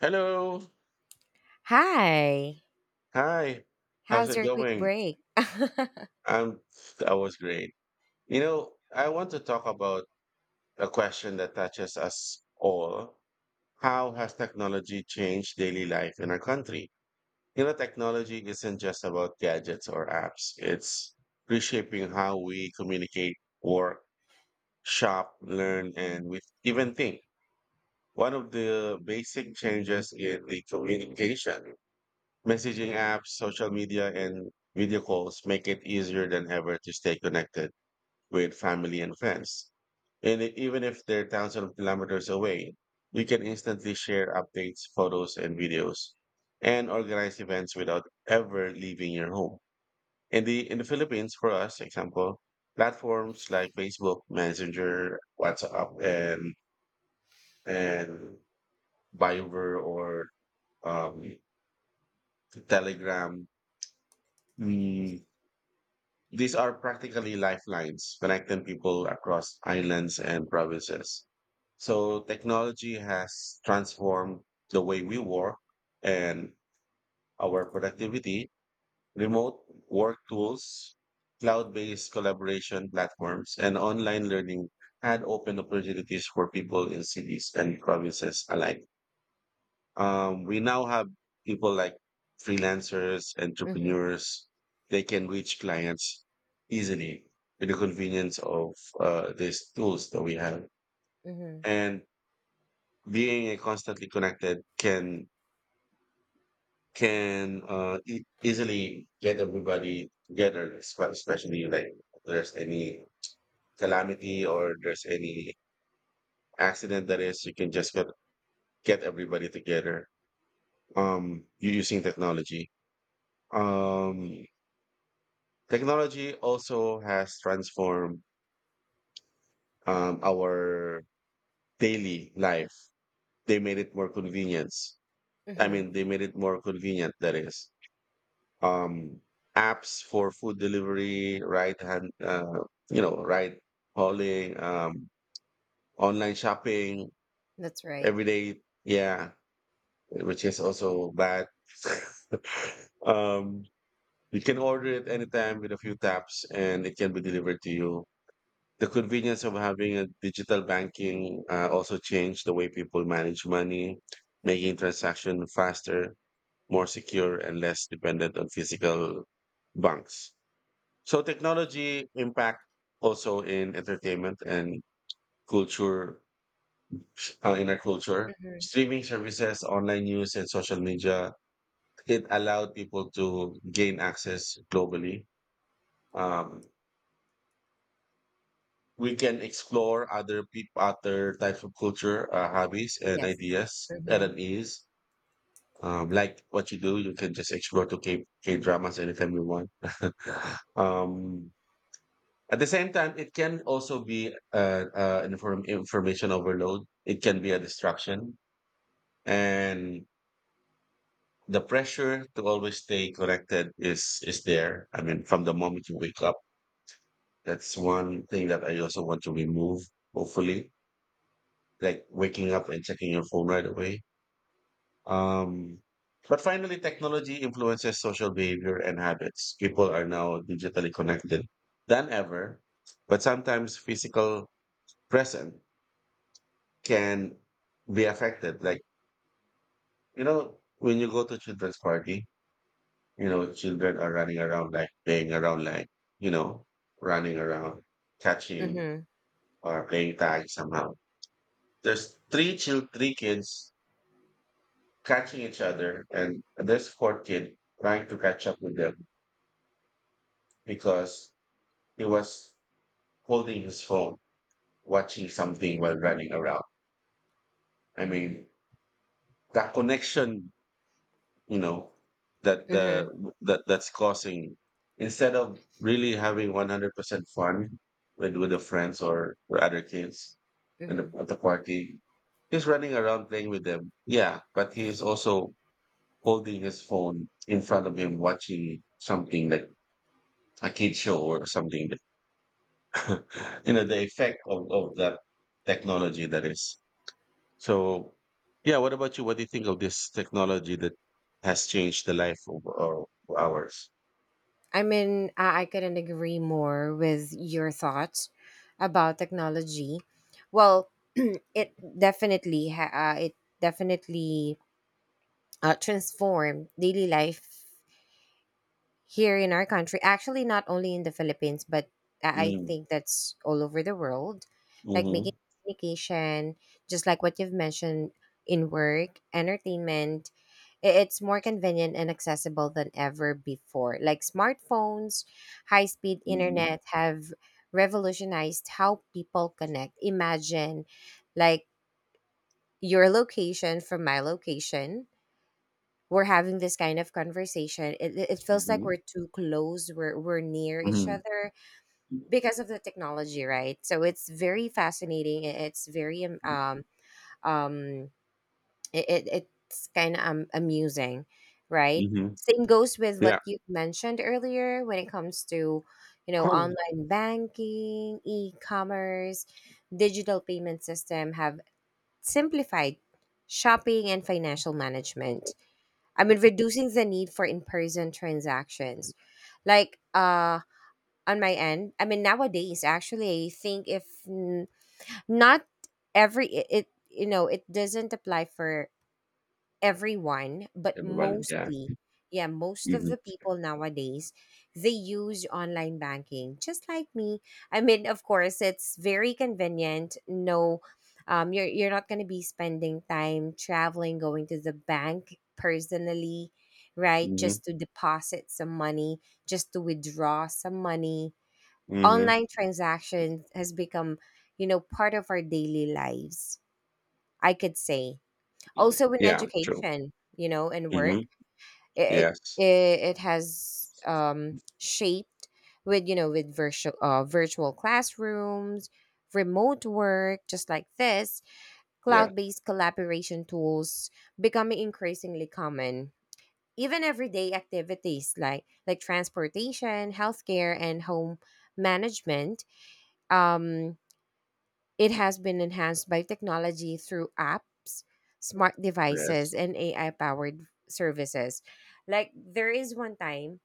Hello. Hi. Hi. How's How's it your quick going? break? Mhm. I'm I was great. You know, I want to talk about a question that touches us all. How has technology changed daily life in our country? You know, technology isn't just about gadgets or apps. It's reshaping how we communicate, work, shop, learn, and we even think. One of the basic changes in the communication. Messaging apps, social media, and video calls make it easier than ever to stay connected with family and friends. And even if they're thousands of kilometers away, we can instantly share updates, photos, and videos, and organize events without ever leaving your home. In the Philippines, for us, example, platforms like Facebook, Messenger, WhatsApp, and Viber or um, Telegram. mm, These are practically lifelines connecting people across islands and provinces. So technology has transformed the way we work and our productivity, remote work tools, cloud-based collaboration platforms, and online learning had opened opportunities for people in cities and provinces alike. We now have people like freelancers, entrepreneurs. They can reach clients easily with the convenience of these tools that we have. Mhm. And being constantly connected can easily get everybody together, especially like if there's any calamity or there's any accident that is, you can just get everybody together using technology. Um, Technology also has transformed our daily life. They made it more convenience. I Mhm. mean, they made it more convenient. That is, um, apps for food delivery, right hand, right hauling, online shopping That's right. every day. Yeah, which is also bad. um, you can order it anytime with a few taps, and it can be delivered to you. The convenience of having a digital banking also changed the way people manage money, making transaction faster, more secure, and less dependent on physical banks. So technology impact also in entertainment and culture in our culture. Mhm. Streaming services, online news, and social media, it allowed people to gain access globally. Um, we can explore other people, other types of culture, hobbies, and Yes. ideas at Mhm. an ease. Like what you do, you can just explore to K dramas anytime you want. um, at the same time, it can also be information overload. It can be a distraction, and the pressure to always stay connected is there. I mean, from the moment you wake up, that's one thing that I also want to remove. Hopefully, like waking up and checking your phone right away. Um, but finally, technology influences social behavior and habits. People are now digitally connected than ever, but sometimes physical presence can be affected. Like, when you go to children's party, children are running around, like playing around, like, you know, running around, catching Mhm. or playing tag somehow. There's three kids catching each other, and this poor kid trying to catch up with them because he was holding his phone watching something while running around. I mean, that connection, you know that the Mhm. that's causing, instead of really having 100% fun with the friends or the other kids Mhm. at the party. He's running around playing with them, yeah, but he is also holding his phone in front of him watching something like a kid show or something. You know the effect of that technology that is, so, yeah. What about you? What do you think of this technology that has changed the life of ours? I mean, I couldn't agree more with your thoughts about technology. Well, it it definitely transformed daily life here in our country, actually, not only in the Philippines, but I Mm. think that's all over the world, like making Hmm. communication, just like what you've mentioned, in work, entertainment. It's more convenient and accessible than ever before, like smartphones, high-speed Hmm. internet have revolutionized how people connect. Imagine, like, your location from my location, we're having this kind of conversation. It feels like Hmm. we're too close, we're near each Hmm. other because of the technology, right? So it's very fascinating. It's very um, it, it- it's kind of amusing, right? Hmm. Same goes with what Yeah. you mentioned earlier when it comes to, Probably. online banking, e-commerce, digital payment system have simplified shopping and financial management. I mean, reducing the need for in-person transactions. Like, on my end, I mean, nowadays, actually, I think, if not every, it doesn't apply for everyone, but Everybody, yeah. mostly, yeah, most of Hmm. the people nowadays, they use online banking just like me. I mean, of course, it's very convenient. No, you're not going to be spending time traveling, going to the bank personally, right? Hmm. Just to deposit some money, just to withdraw some money. Hmm. Online transactions has become, part of our daily lives, I could say, also in Yeah, true. education, and Hmm. work. it Yes. it, it has shaped, with, with virtual classrooms, remote work just like this, Yeah. cloud-based collaboration tools becoming increasingly common. Even everyday activities like transportation, healthcare, and home management, um it has been enhanced by technology through apps, smart devices, Yes. and AI powered services. Like, there is one time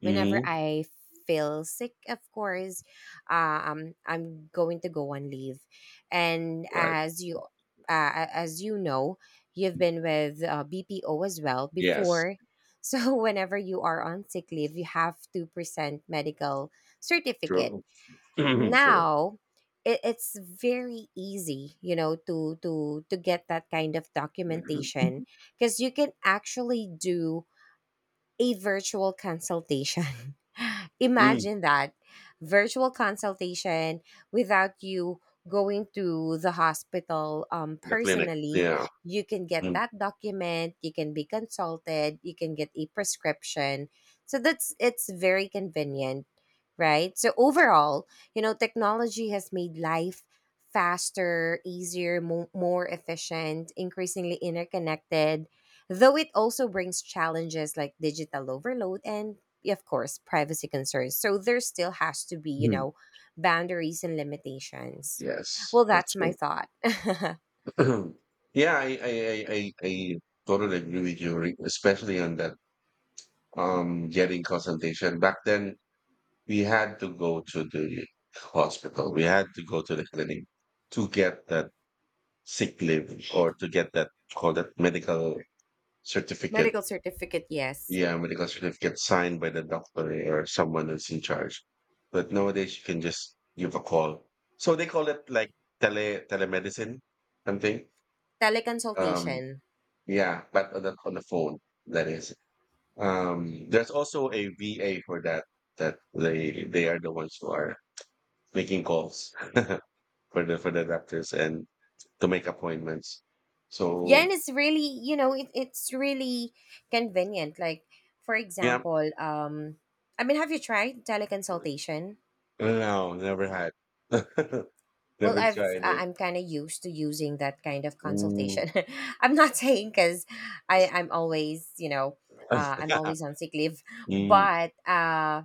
whenever Hmm. I feel sick, of course, I'm going to go on leave, and Right. As you know, you've been with BPO as well Yes. before. So whenever you are on sick leave, you have to present medical certificate. True. True. Now, it's very easy, you know, to get that kind of documentation, because you can actually do a virtual consultation. Mhm. Imagine that, virtual consultation without you going to the hospital, The clinic. personally. Yeah. You can get Mm. that document, you can be consulted, you can get a prescription. So that's it's very convenient, right? So overall, you know, technology has made life faster, easier, more efficient, increasingly interconnected, though it also brings challenges like digital overload and, of course, privacy concerns. So there still has to be, you Mhm. know, boundaries and limitations. Yes, Well, that's that's my true. thought. Yeah, I totally agree with you, especially on that getting consultation. Back then, we had to go to the hospital. We had to go to the clinic to get that sick leave or to get that, call that medical certificate. Medical certificate, yes. Yeah, medical certificate signed by the doctor or someone that's in charge. But nowadays you can just give a call. So they call it like telemedicine something. Um, Teleconsultation. yeah, but on the phone, that is. There's also a VA for that. That they are the ones who are making calls for the doctors and to make appointments. Yeah, and So it's really, it's really convenient. Like, for yeah, example, I mean, have you tried teleconsultation? no, never had, Well, never I've tried it. I- I'm kind of used to using that kind of Mm. consultation. I'm not saying because I'm always, I'm always on sick leave, Mm. but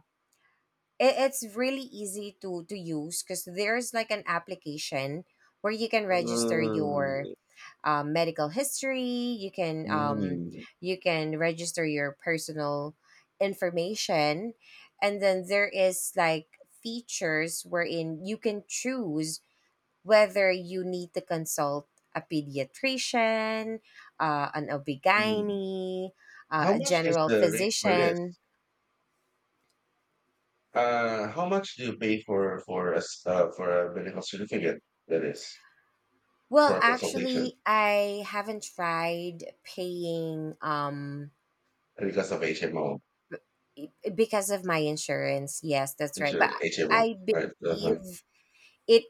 it's really easy to use, because there's like an application where you can register your Mm. Medical history. You can um, Mm. you can register your personal information, and then there is like features wherein you can choose whether you need to consult a pediatrician, an ob, Mm. How a much is general the rate for this? physician. How much do you pay for a medical certificate that is for Well, a consultation actually, I haven't tried paying, because of HMO. because of my insurance. Yes, that's right. But Insurance, HMO, I right? Uh-huh. believe it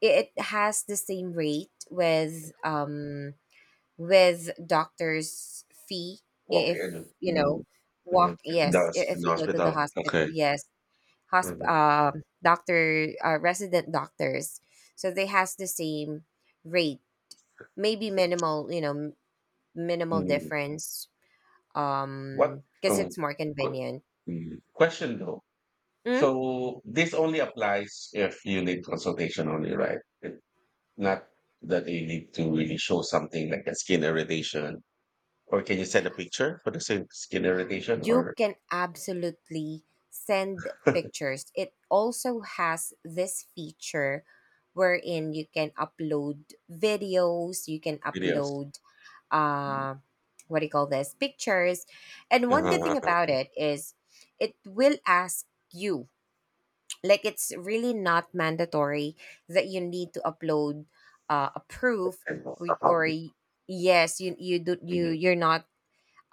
it has the same rate with, with doctor's fee, Walk in. if you know, Mhm, walk, in the, yes, i- hos- if in the you go to the hospital. hospital, Okay. yes, hosp Mhm. Doctor, resident doctors, so they has the same rate, maybe minimal, minimal Mm. difference, What because um it's more qu- convenient. Question, though? Mm-hmm. So this only applies if you need consultation only, right? Not that you need to really show something like a skin irritation. Or can you send a picture for the same skin irritation, You or can absolutely send pictures. It also has this feature wherein you can upload videos, you can videos? upload, uh what do you call this, pictures. And one good thing Uh-huh. about it is it will ask you. Like, it's really not mandatory that you need to upload a proof, or, Uh-huh. or yes, you do you Mhm. you're not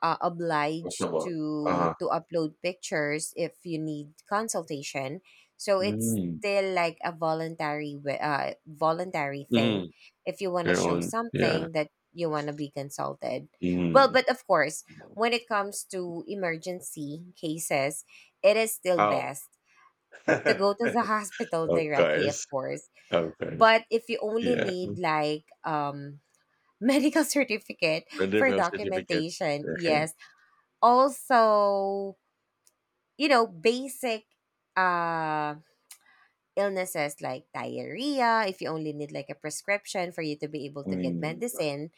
obliged Comfortable. to Uh-huh. to upload pictures if you need consultation, so it's Mm. still like a voluntary, voluntary Mm. thing, if you want to Your show own. Yeah. something that you want to be consulted. Well, Mm. but of course, when it comes to emergency cases, it is still Oh. best to go to the hospital Of directly, of course. course. Of course. But if you only Yeah. need like, medical certificate Rendering for of certificate. documentation, Okay. yes, also, basic uh illnesses like diarrhea, if you only need like a prescription for you to be able to get Mm. medicine,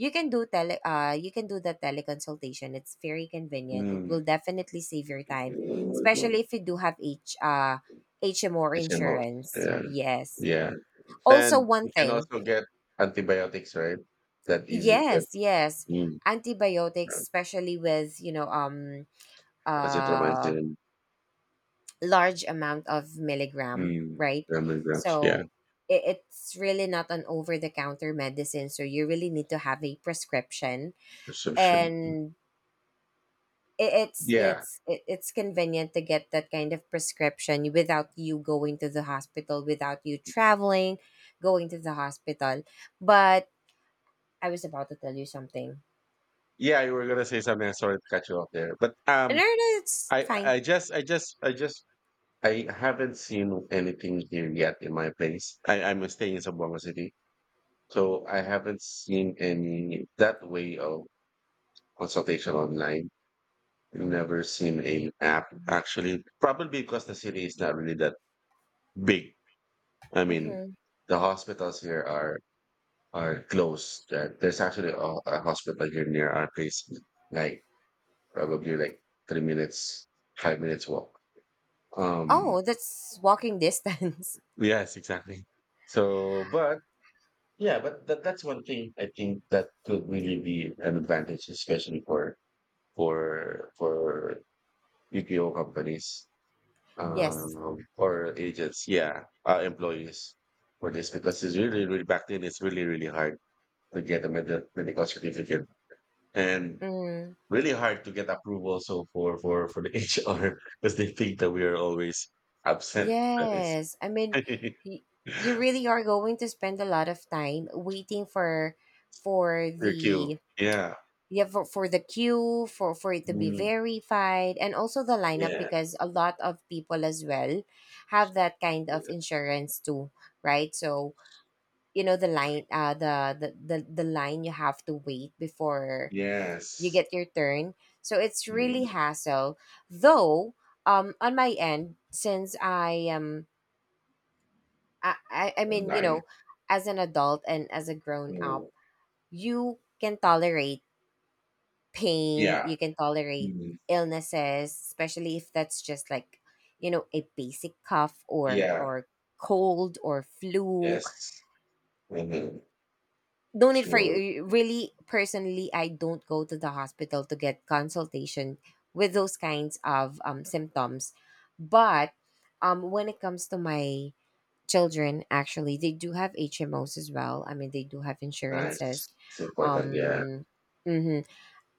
you can do, tele you can do the teleconsultation. It's very convenient, it Mm. will definitely save your time, especially if you do have h HMO HMOs. insurance, Yeah. yes. Yeah. Also And you one can thing, also get antibiotics, right? That easy, that yes, yes, mm, antibiotics, right. especially with, uh Azithromycin, large amount of milligram, mm, right? lemongrass. Yeah, So it's really not an over the counter medicine. So you really need to have a prescription, prescription. and it, Yeah. it's it, it's convenient to get that kind of prescription without you going to the hospital, without you traveling, going to the hospital. But I was about to tell you something. Yeah, you were gonna say something. I Sorry to cut you off there. But No, no, it's fine. I just I just I just I haven't seen anything here yet in my place. I, I'm staying in Zamboanga City. So I haven't seen any that way of consultation online. I've never seen a map actually, probably because the city is not really that big. I mean, Mm-hmm. the hospitals here are close. There's actually a hospital here near our place, like probably like 3 minutes, 5 minutes walk. Um, Oh, that's walking distance. yes, exactly. So, but yeah, but that's one thing I think that could really be an advantage, especially for BPO companies, Yes. For agents, yeah, employees for this, because it's really, really, back then, it's really, really hard to get a medical certificate, and Mm. really hard to get approval also for the HR, because they think that we are always absent. That is Yes. I mean, y- you really are going to spend a lot of time waiting for your queue. the, Yeah. yeah, for the queue, for it to be Mm, verified, and also the lineup yeah. because a lot of people as well have that kind of insurance too, right? So, you know, the line, you have to wait before you Yes. get your turn. So it's really Mm. hassle. Though, on my end, since I am I mean, you Online. know, as an adult and as a grown up, Mm, you can tolerate pain, yeah. you can tolerate Mm, illnesses, especially if that's just like, you know, a basic cough or yeah. or cold or flu. Yes. Hmm. No need for True. you. Really, personally, I don't go to the hospital to get consultation with those kinds of symptoms. But when it comes to my children, actually they do have HMOs as well. I mean, they do have Nice. insurances. It's important, yeah. Um mhm.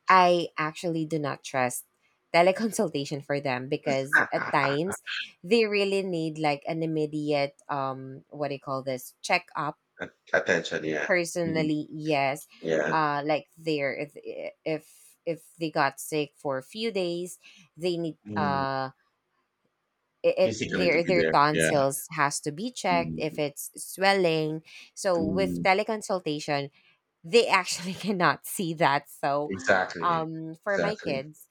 I actually do not trust teleconsultation for them, because at times they really need like an immediate, what do you call this, check up. Attention, yeah. Mm, Personally, yes. yeah. Like, they're if if they got sick for a few days, they need, Mm. It, it Physically to their be their there, yeah. tonsils has to be checked if Mm, it's swelling. So with mm. teleconsultation they actually cannot see that. So Exactly, for my exactly. kids,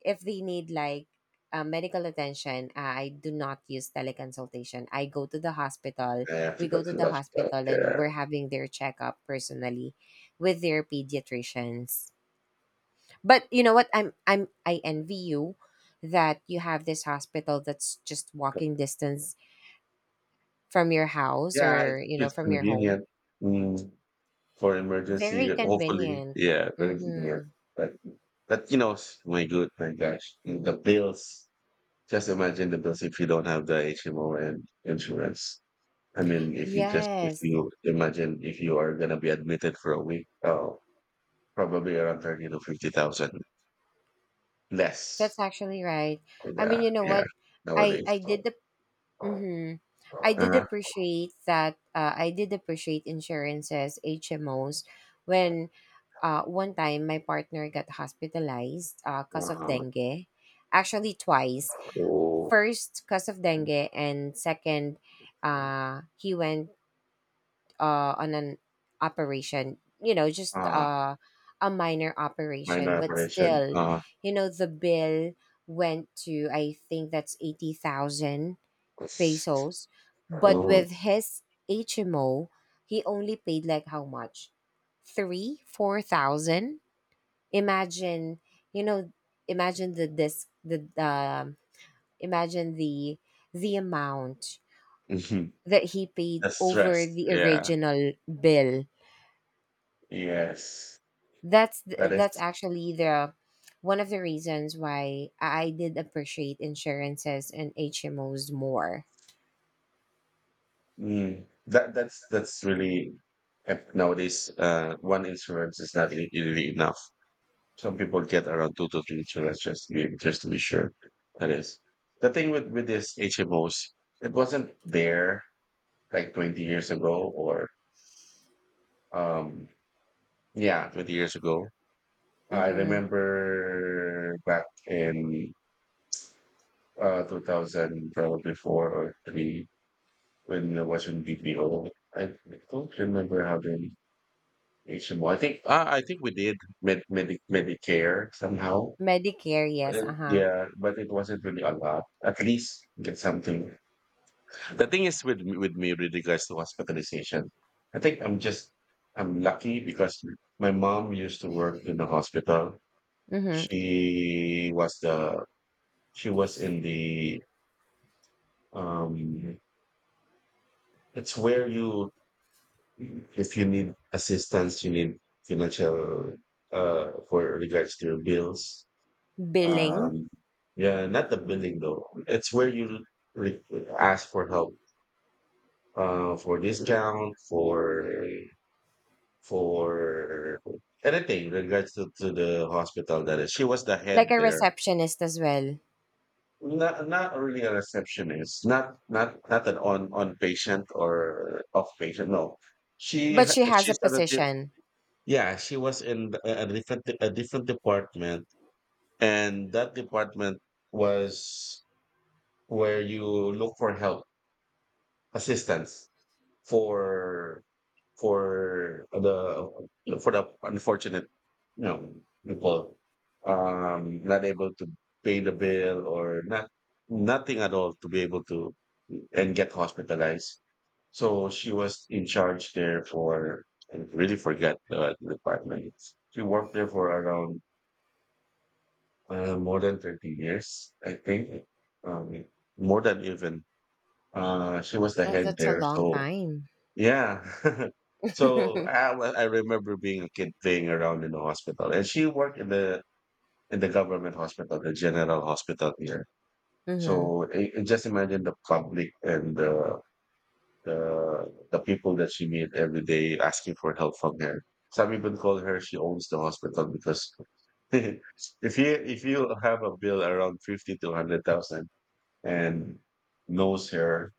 if they need like medical attention, I do not use teleconsultation. I go to the hospital. I have to We go go to to the the hospital, hospital and yeah. we're having their checkup personally with their pediatricians. But you know what, I envy you that you have this hospital that's just walking distance from your house, Yeah, it's, or, it's from your convenient, home. mm, for Very emergency, hopefully. convenient. Yeah, very convenient. Mm-hmm. But, but, my my gosh, the bills. Just imagine the bills if you don't have the HMO and insurance. I mean, if Yes, you imagine if you are gonna be admitted for a week, oh, probably around thirty to fifty thousand that's less. actually right. I Yeah, mean, you know yeah. what? Nowadays, I did the Mm-hmm. I did uh-huh. appreciate that. I did appreciate insurances, HMOs, when, one time my partner got hospitalized because of Uh dengue. Actually, twice. oh, First, because of dengue, and second, he went, on an operation, you know, just uh, a minor minor operation, but operation. still, the bill went to, I think, that's 80,000 pesos, but Oh, with his HMO, he only paid like how much, three four thousand. Imagine, you know, imagine the this the imagine the amount mhm, that he paid the over stress. the Yeah, original bill. yes, that's that th- is, that's actually the one of the reasons why I did appreciate insurances and HMOs more. That's really, nowadays. One insurance is not really really enough. Some people get around two to three insurance just to be sure. That is the thing with this HMOs. It wasn't there like 20 years ago, or um, yeah, 20 years ago. I Mm-hmm. remember back in 2000 probably four or three when I was in BPO. I don't remember having HMO. I think we did Medicare somehow. Medicare, yes, Uh, uh huh. yeah, but it wasn't really a lot. At least get something. The thing is with with me with regards to hospitalization, I think I'm lucky because my mom used to work in the hospital. Mm-hmm. She was the she was in the um it's where you if you need assistance, you need financial for regards to your bills. Billing, Um yeah, not the billing though. It's where you re- ask for help for discount, for anything regards to the hospital, that is. She was the like head a there. receptionist as well, Not really a receptionist, not an on patient or off patient. No, but she has a she's at a di- position. yeah, she was in a different department, and that department was where you look for help, assistance, for for the for the unfortunate, you know, people, not able to pay the bill, or not, nothing at all, to be able to and get hospitalized. So she was in charge there for, I really forget, the department. She worked there for around more than 30 years, I think, um, more than even. She was the Oh, head that's a there, long so time. yeah. So, Mm-hmm. I remember being a kid playing around in the hospital, and she worked in the government hospital, the general hospital here. And So, I just imagine the public and the the people that she meet every day asking for help from her. Some even call her she owns the hospital because if you if you have a bill around 50 to 100,000 and knows her,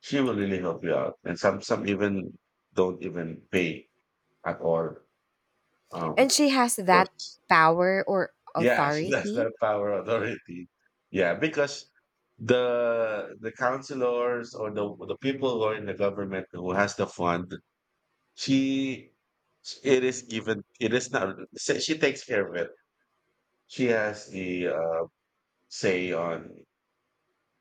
she will really help you out. And some even don't even pay at all. Um, she has that because power or yeah, she does not authority. power authority. Yeah, because the councilors or the people who are in the government who has the fund, she, it is given. It is not. She takes care of it. She has the say on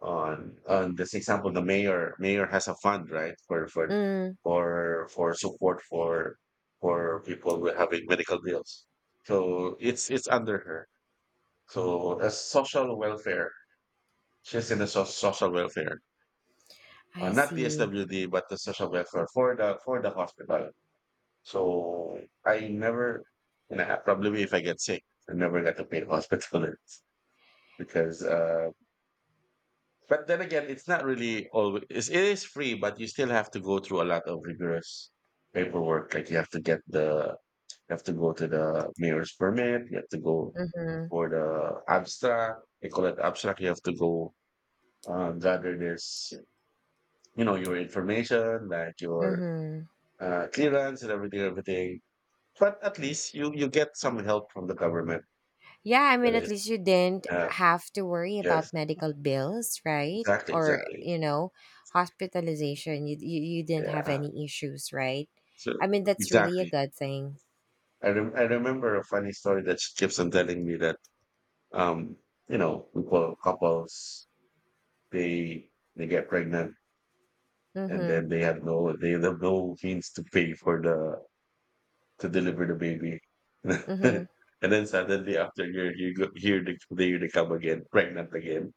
on this example. The mayor has a fund, right, for for Mm, for for support for people who are having medical bills, so it's under her, so as social welfare. She's in the social welfare, I not the see. SWD but the social welfare for the hospital. So I never, and I, probably if I get sick, I never got to pay hospital bills because But then again, it's not really always. It is free, but you still have to go through a lot of rigorous paperwork. Like you have to get the, you have to go to the mayor's permit. You have to go Mm-hmm. for the abstract. They call it abstract. You have to go gather this, you know, your information, like your Mm-hmm. Clearance and everything, everything. But at least you get some help from the government. Yeah, I mean, That at is, least you didn't yeah, have to worry yes, about medical bills, right? exactly, Or, exactly, you know, hospitalization. You didn't have yeah. any issues, right? So I mean, that's really a exactly. good thing. I remember a funny story that she keeps on telling me that um you know, people, couples, they get pregnant, and Mm-hmm. then they have no, they have no means to pay for the, to deliver the baby Mm-hmm. and then suddenly after a year you go here, they, they come again pregnant again,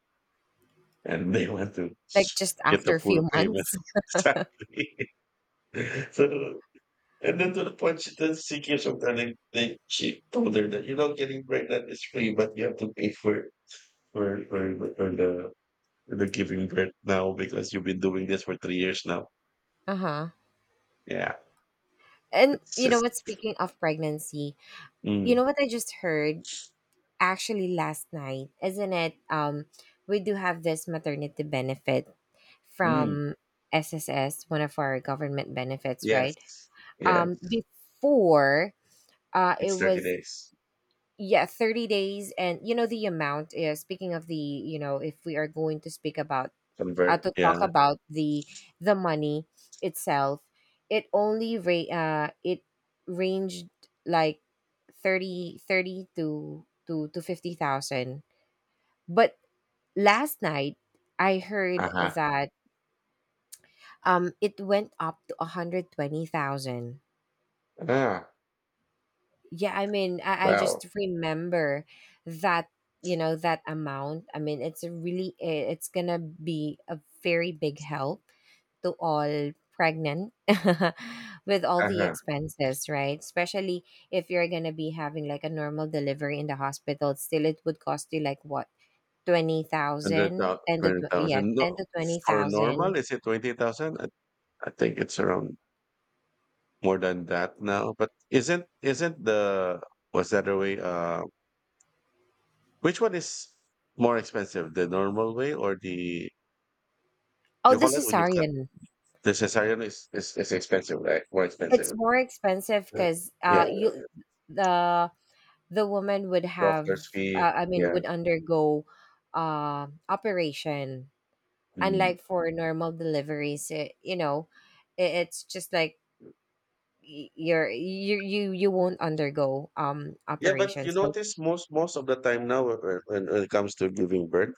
and they want to Like, just get the after a full few payment. months. Exactly. So, and then to the point, she then, she keeps on telling, they, she told her that, you know, getting pregnant is free but you have to pay for it for for the giving birth now because you've been doing this for 3 years now. Uh-huh. Yeah, And it's you know just, what? Speaking of pregnancy, you mm, know what I just heard, actually last night, isn't it? We do have this maternity benefit mm, from SSS, one of our government benefits, yes, right? yes. Before, it It's thirty was, days yeah, 30 days. And the amount is, speaking of the, if we are going to speak about, from birth. to talk Yeah. about the money itself, it only ra- it ranged like 30, to 50,000 but last night I Uh heard huh. that, it went up to 120,000. Ah. Yeah, I mean, I Wow. just remember that, you know, that amount. I mean, it's a really, it's going to be a very big help to all pregnant with all Uh the huh. expenses, right? Especially if you're going to be having like a normal delivery in the hospital, still it would cost you like what, Hundred 20,000? Yeah, thousand. 10 No, to for 20,000. normal is it 20,000? I think it's around more than that now. But isn't the, was that the other way? Which one is more expensive, the normal way or the, Oh, you the call it when you cut? cesarean. The cesarean is expensive, right? More It's expensive. more expensive Yeah. because, Yeah. You, the the woman would have, Doctor's fee. I mean, Yeah. would undergo, operation, Mm. unlike for normal deliveries. It, it's just like, y- you're you you you won't undergo Yeah, but operation, you so, notice most of the time now, when it comes to giving birth,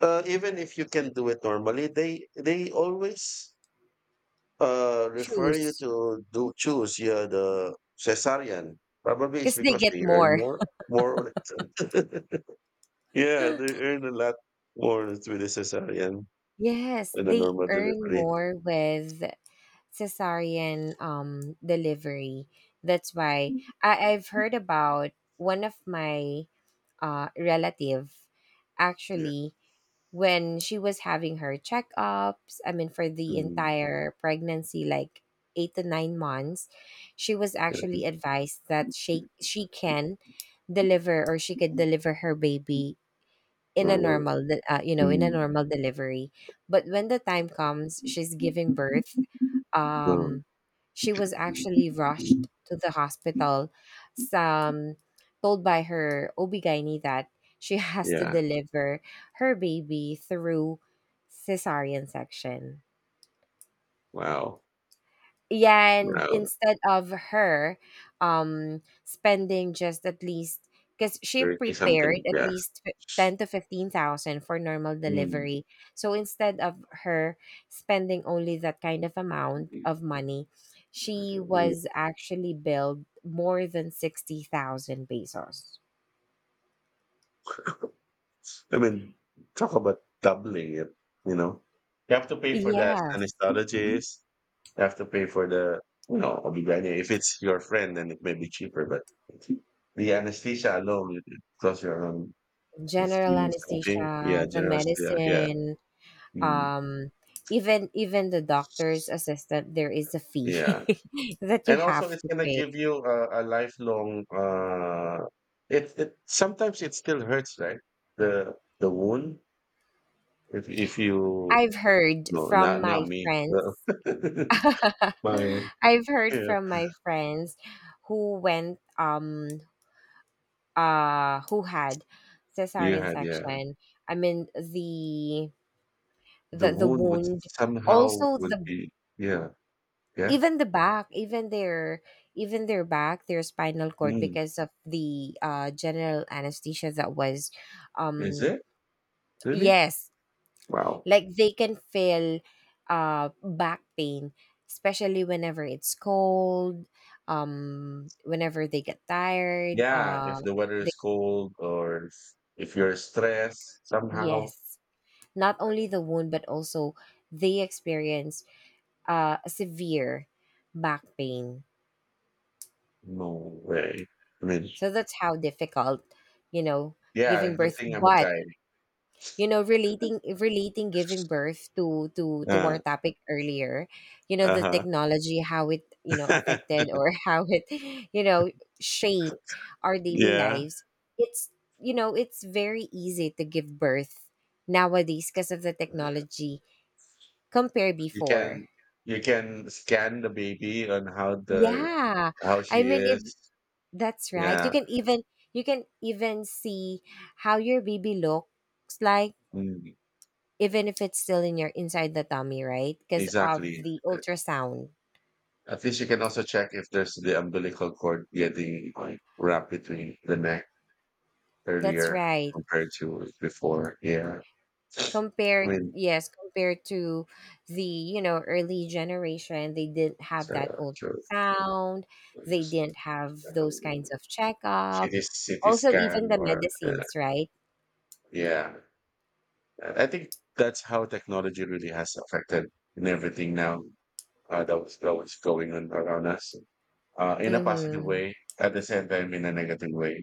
even if you can do it normally, they always refer you choose to do choose, yeah, the cesarean. Probably it's because they because get they earn more. more, on it. Yeah, they earn a lot more with the cesarean Yes, than the they normal earn delivery. more with cesarean, delivery. That's why I've heard about one of my, relative, Yeah. actually, when she was having her checkups, I mean, for the Mm. entire pregnancy, like 8 to 9 months, she was Yeah. actually advised that she can deliver, or she could deliver her baby in a Uh, normal de- you know in a mm. normal delivery. But when the time comes she's giving birth, Oh. um she was actually rushed to the hospital, some told by her ob that she has to Yeah. deliver her baby through cesarean section. Wow. Yeah, and Wow. instead of her, spending, just at least because she 30 something. prepared at Yeah. least, 10 to 15,000 for normal Mm. delivery. So instead of her spending only that kind of amount of money, she Mm. was actually billed more than 60,000 pesos. I mean, talk about doubling it, you know. You have to pay for the Yes, anesthesiologist. You have to pay for the, you know, ob. If it's your friend, then it may be cheaper, but the anesthesia alone, it costs you around general 15 something. Yeah, anesthesia, the generous. Yeah. Yeah. medicine, Mm. um even the doctor's assistant, there is a fee Yeah. that you And also, have it's to gonna pay. give you a lifelong. It sometimes it still hurts, right? The the wound. If you, I've heard no, from not my not me. friends. My, I've heard yeah, from my friends who went, who had you cesarean had, yeah. section. I mean, the The the the wound would wound, somehow also would the, be, yeah, yeah. even the back, even their back their spinal cord, Mm. because of the, general anesthesia that was, Is um it really? yes. Wow. Like, they can feel back pain, especially whenever it's cold, whenever they get tired, Yeah. If the weather they, is cold, or if you're stressed somehow, yes, not only the wound but also they experience a severe back pain. no way. I mean, So that's how difficult, you know, yeah. giving Good birth. thing I'm a guy. But, relating giving birth to our Uh, topic earlier, you know, the Uh-huh. technology, how it, affected, or how it, you know shaped our daily Yeah. lives. It's you know it's very easy to give birth nowadays because of the technology compared You before. can you can scan the baby on how the Yeah, how she I mean, if is. That's right. You Yeah. can even, see how your baby looks like, Mm, even if it's still in your inside the tummy, right? Because of exactly. the ultrasound. At least you can also check if there's the umbilical cord getting, like, wrapped between the neck That's earlier, right. compared to before. Yeah. I Compared mean, Yes, compared to the, early generation, they didn't have so that true. ultrasound. They didn't have those kinds of checkup. CT, CT Also even scan the or medicines, right? yeah. I think that's how technology really has affected in everything now. That was going on around us, in a positive Mhm. way at the same time in a negative way.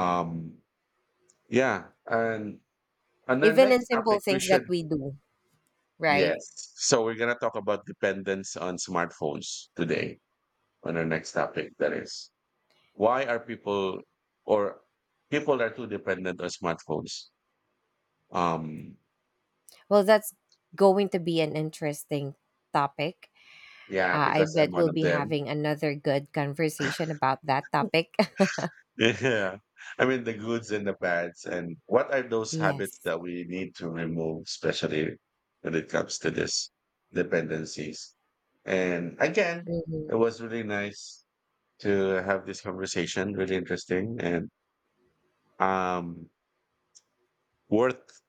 um yeah, and the Even in next simple topic we things that should. we do, Yes, right? so we're going to talk about dependence on smartphones today, on our next topic, that is, why are people, or, people are too dependent on smartphones. um Well, that's going to be an interesting topic. yeah, I because I'm bet one we'll of be them. having another good conversation about that topic. Yeah. I mean, the goods and the bads. And what are those habits Yes. that we need to remove, especially when it comes to this dependencies? And again, Mhm. it was really nice to have this conversation, really interesting, and um worth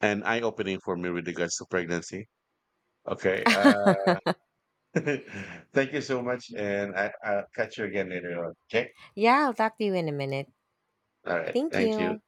and eye-opening for me with regards to pregnancy. Okay. Thank you so much, and I'll catch you again later on. Okay. Yeah, I'll talk to you in a minute. All right. Thank Thank you. you.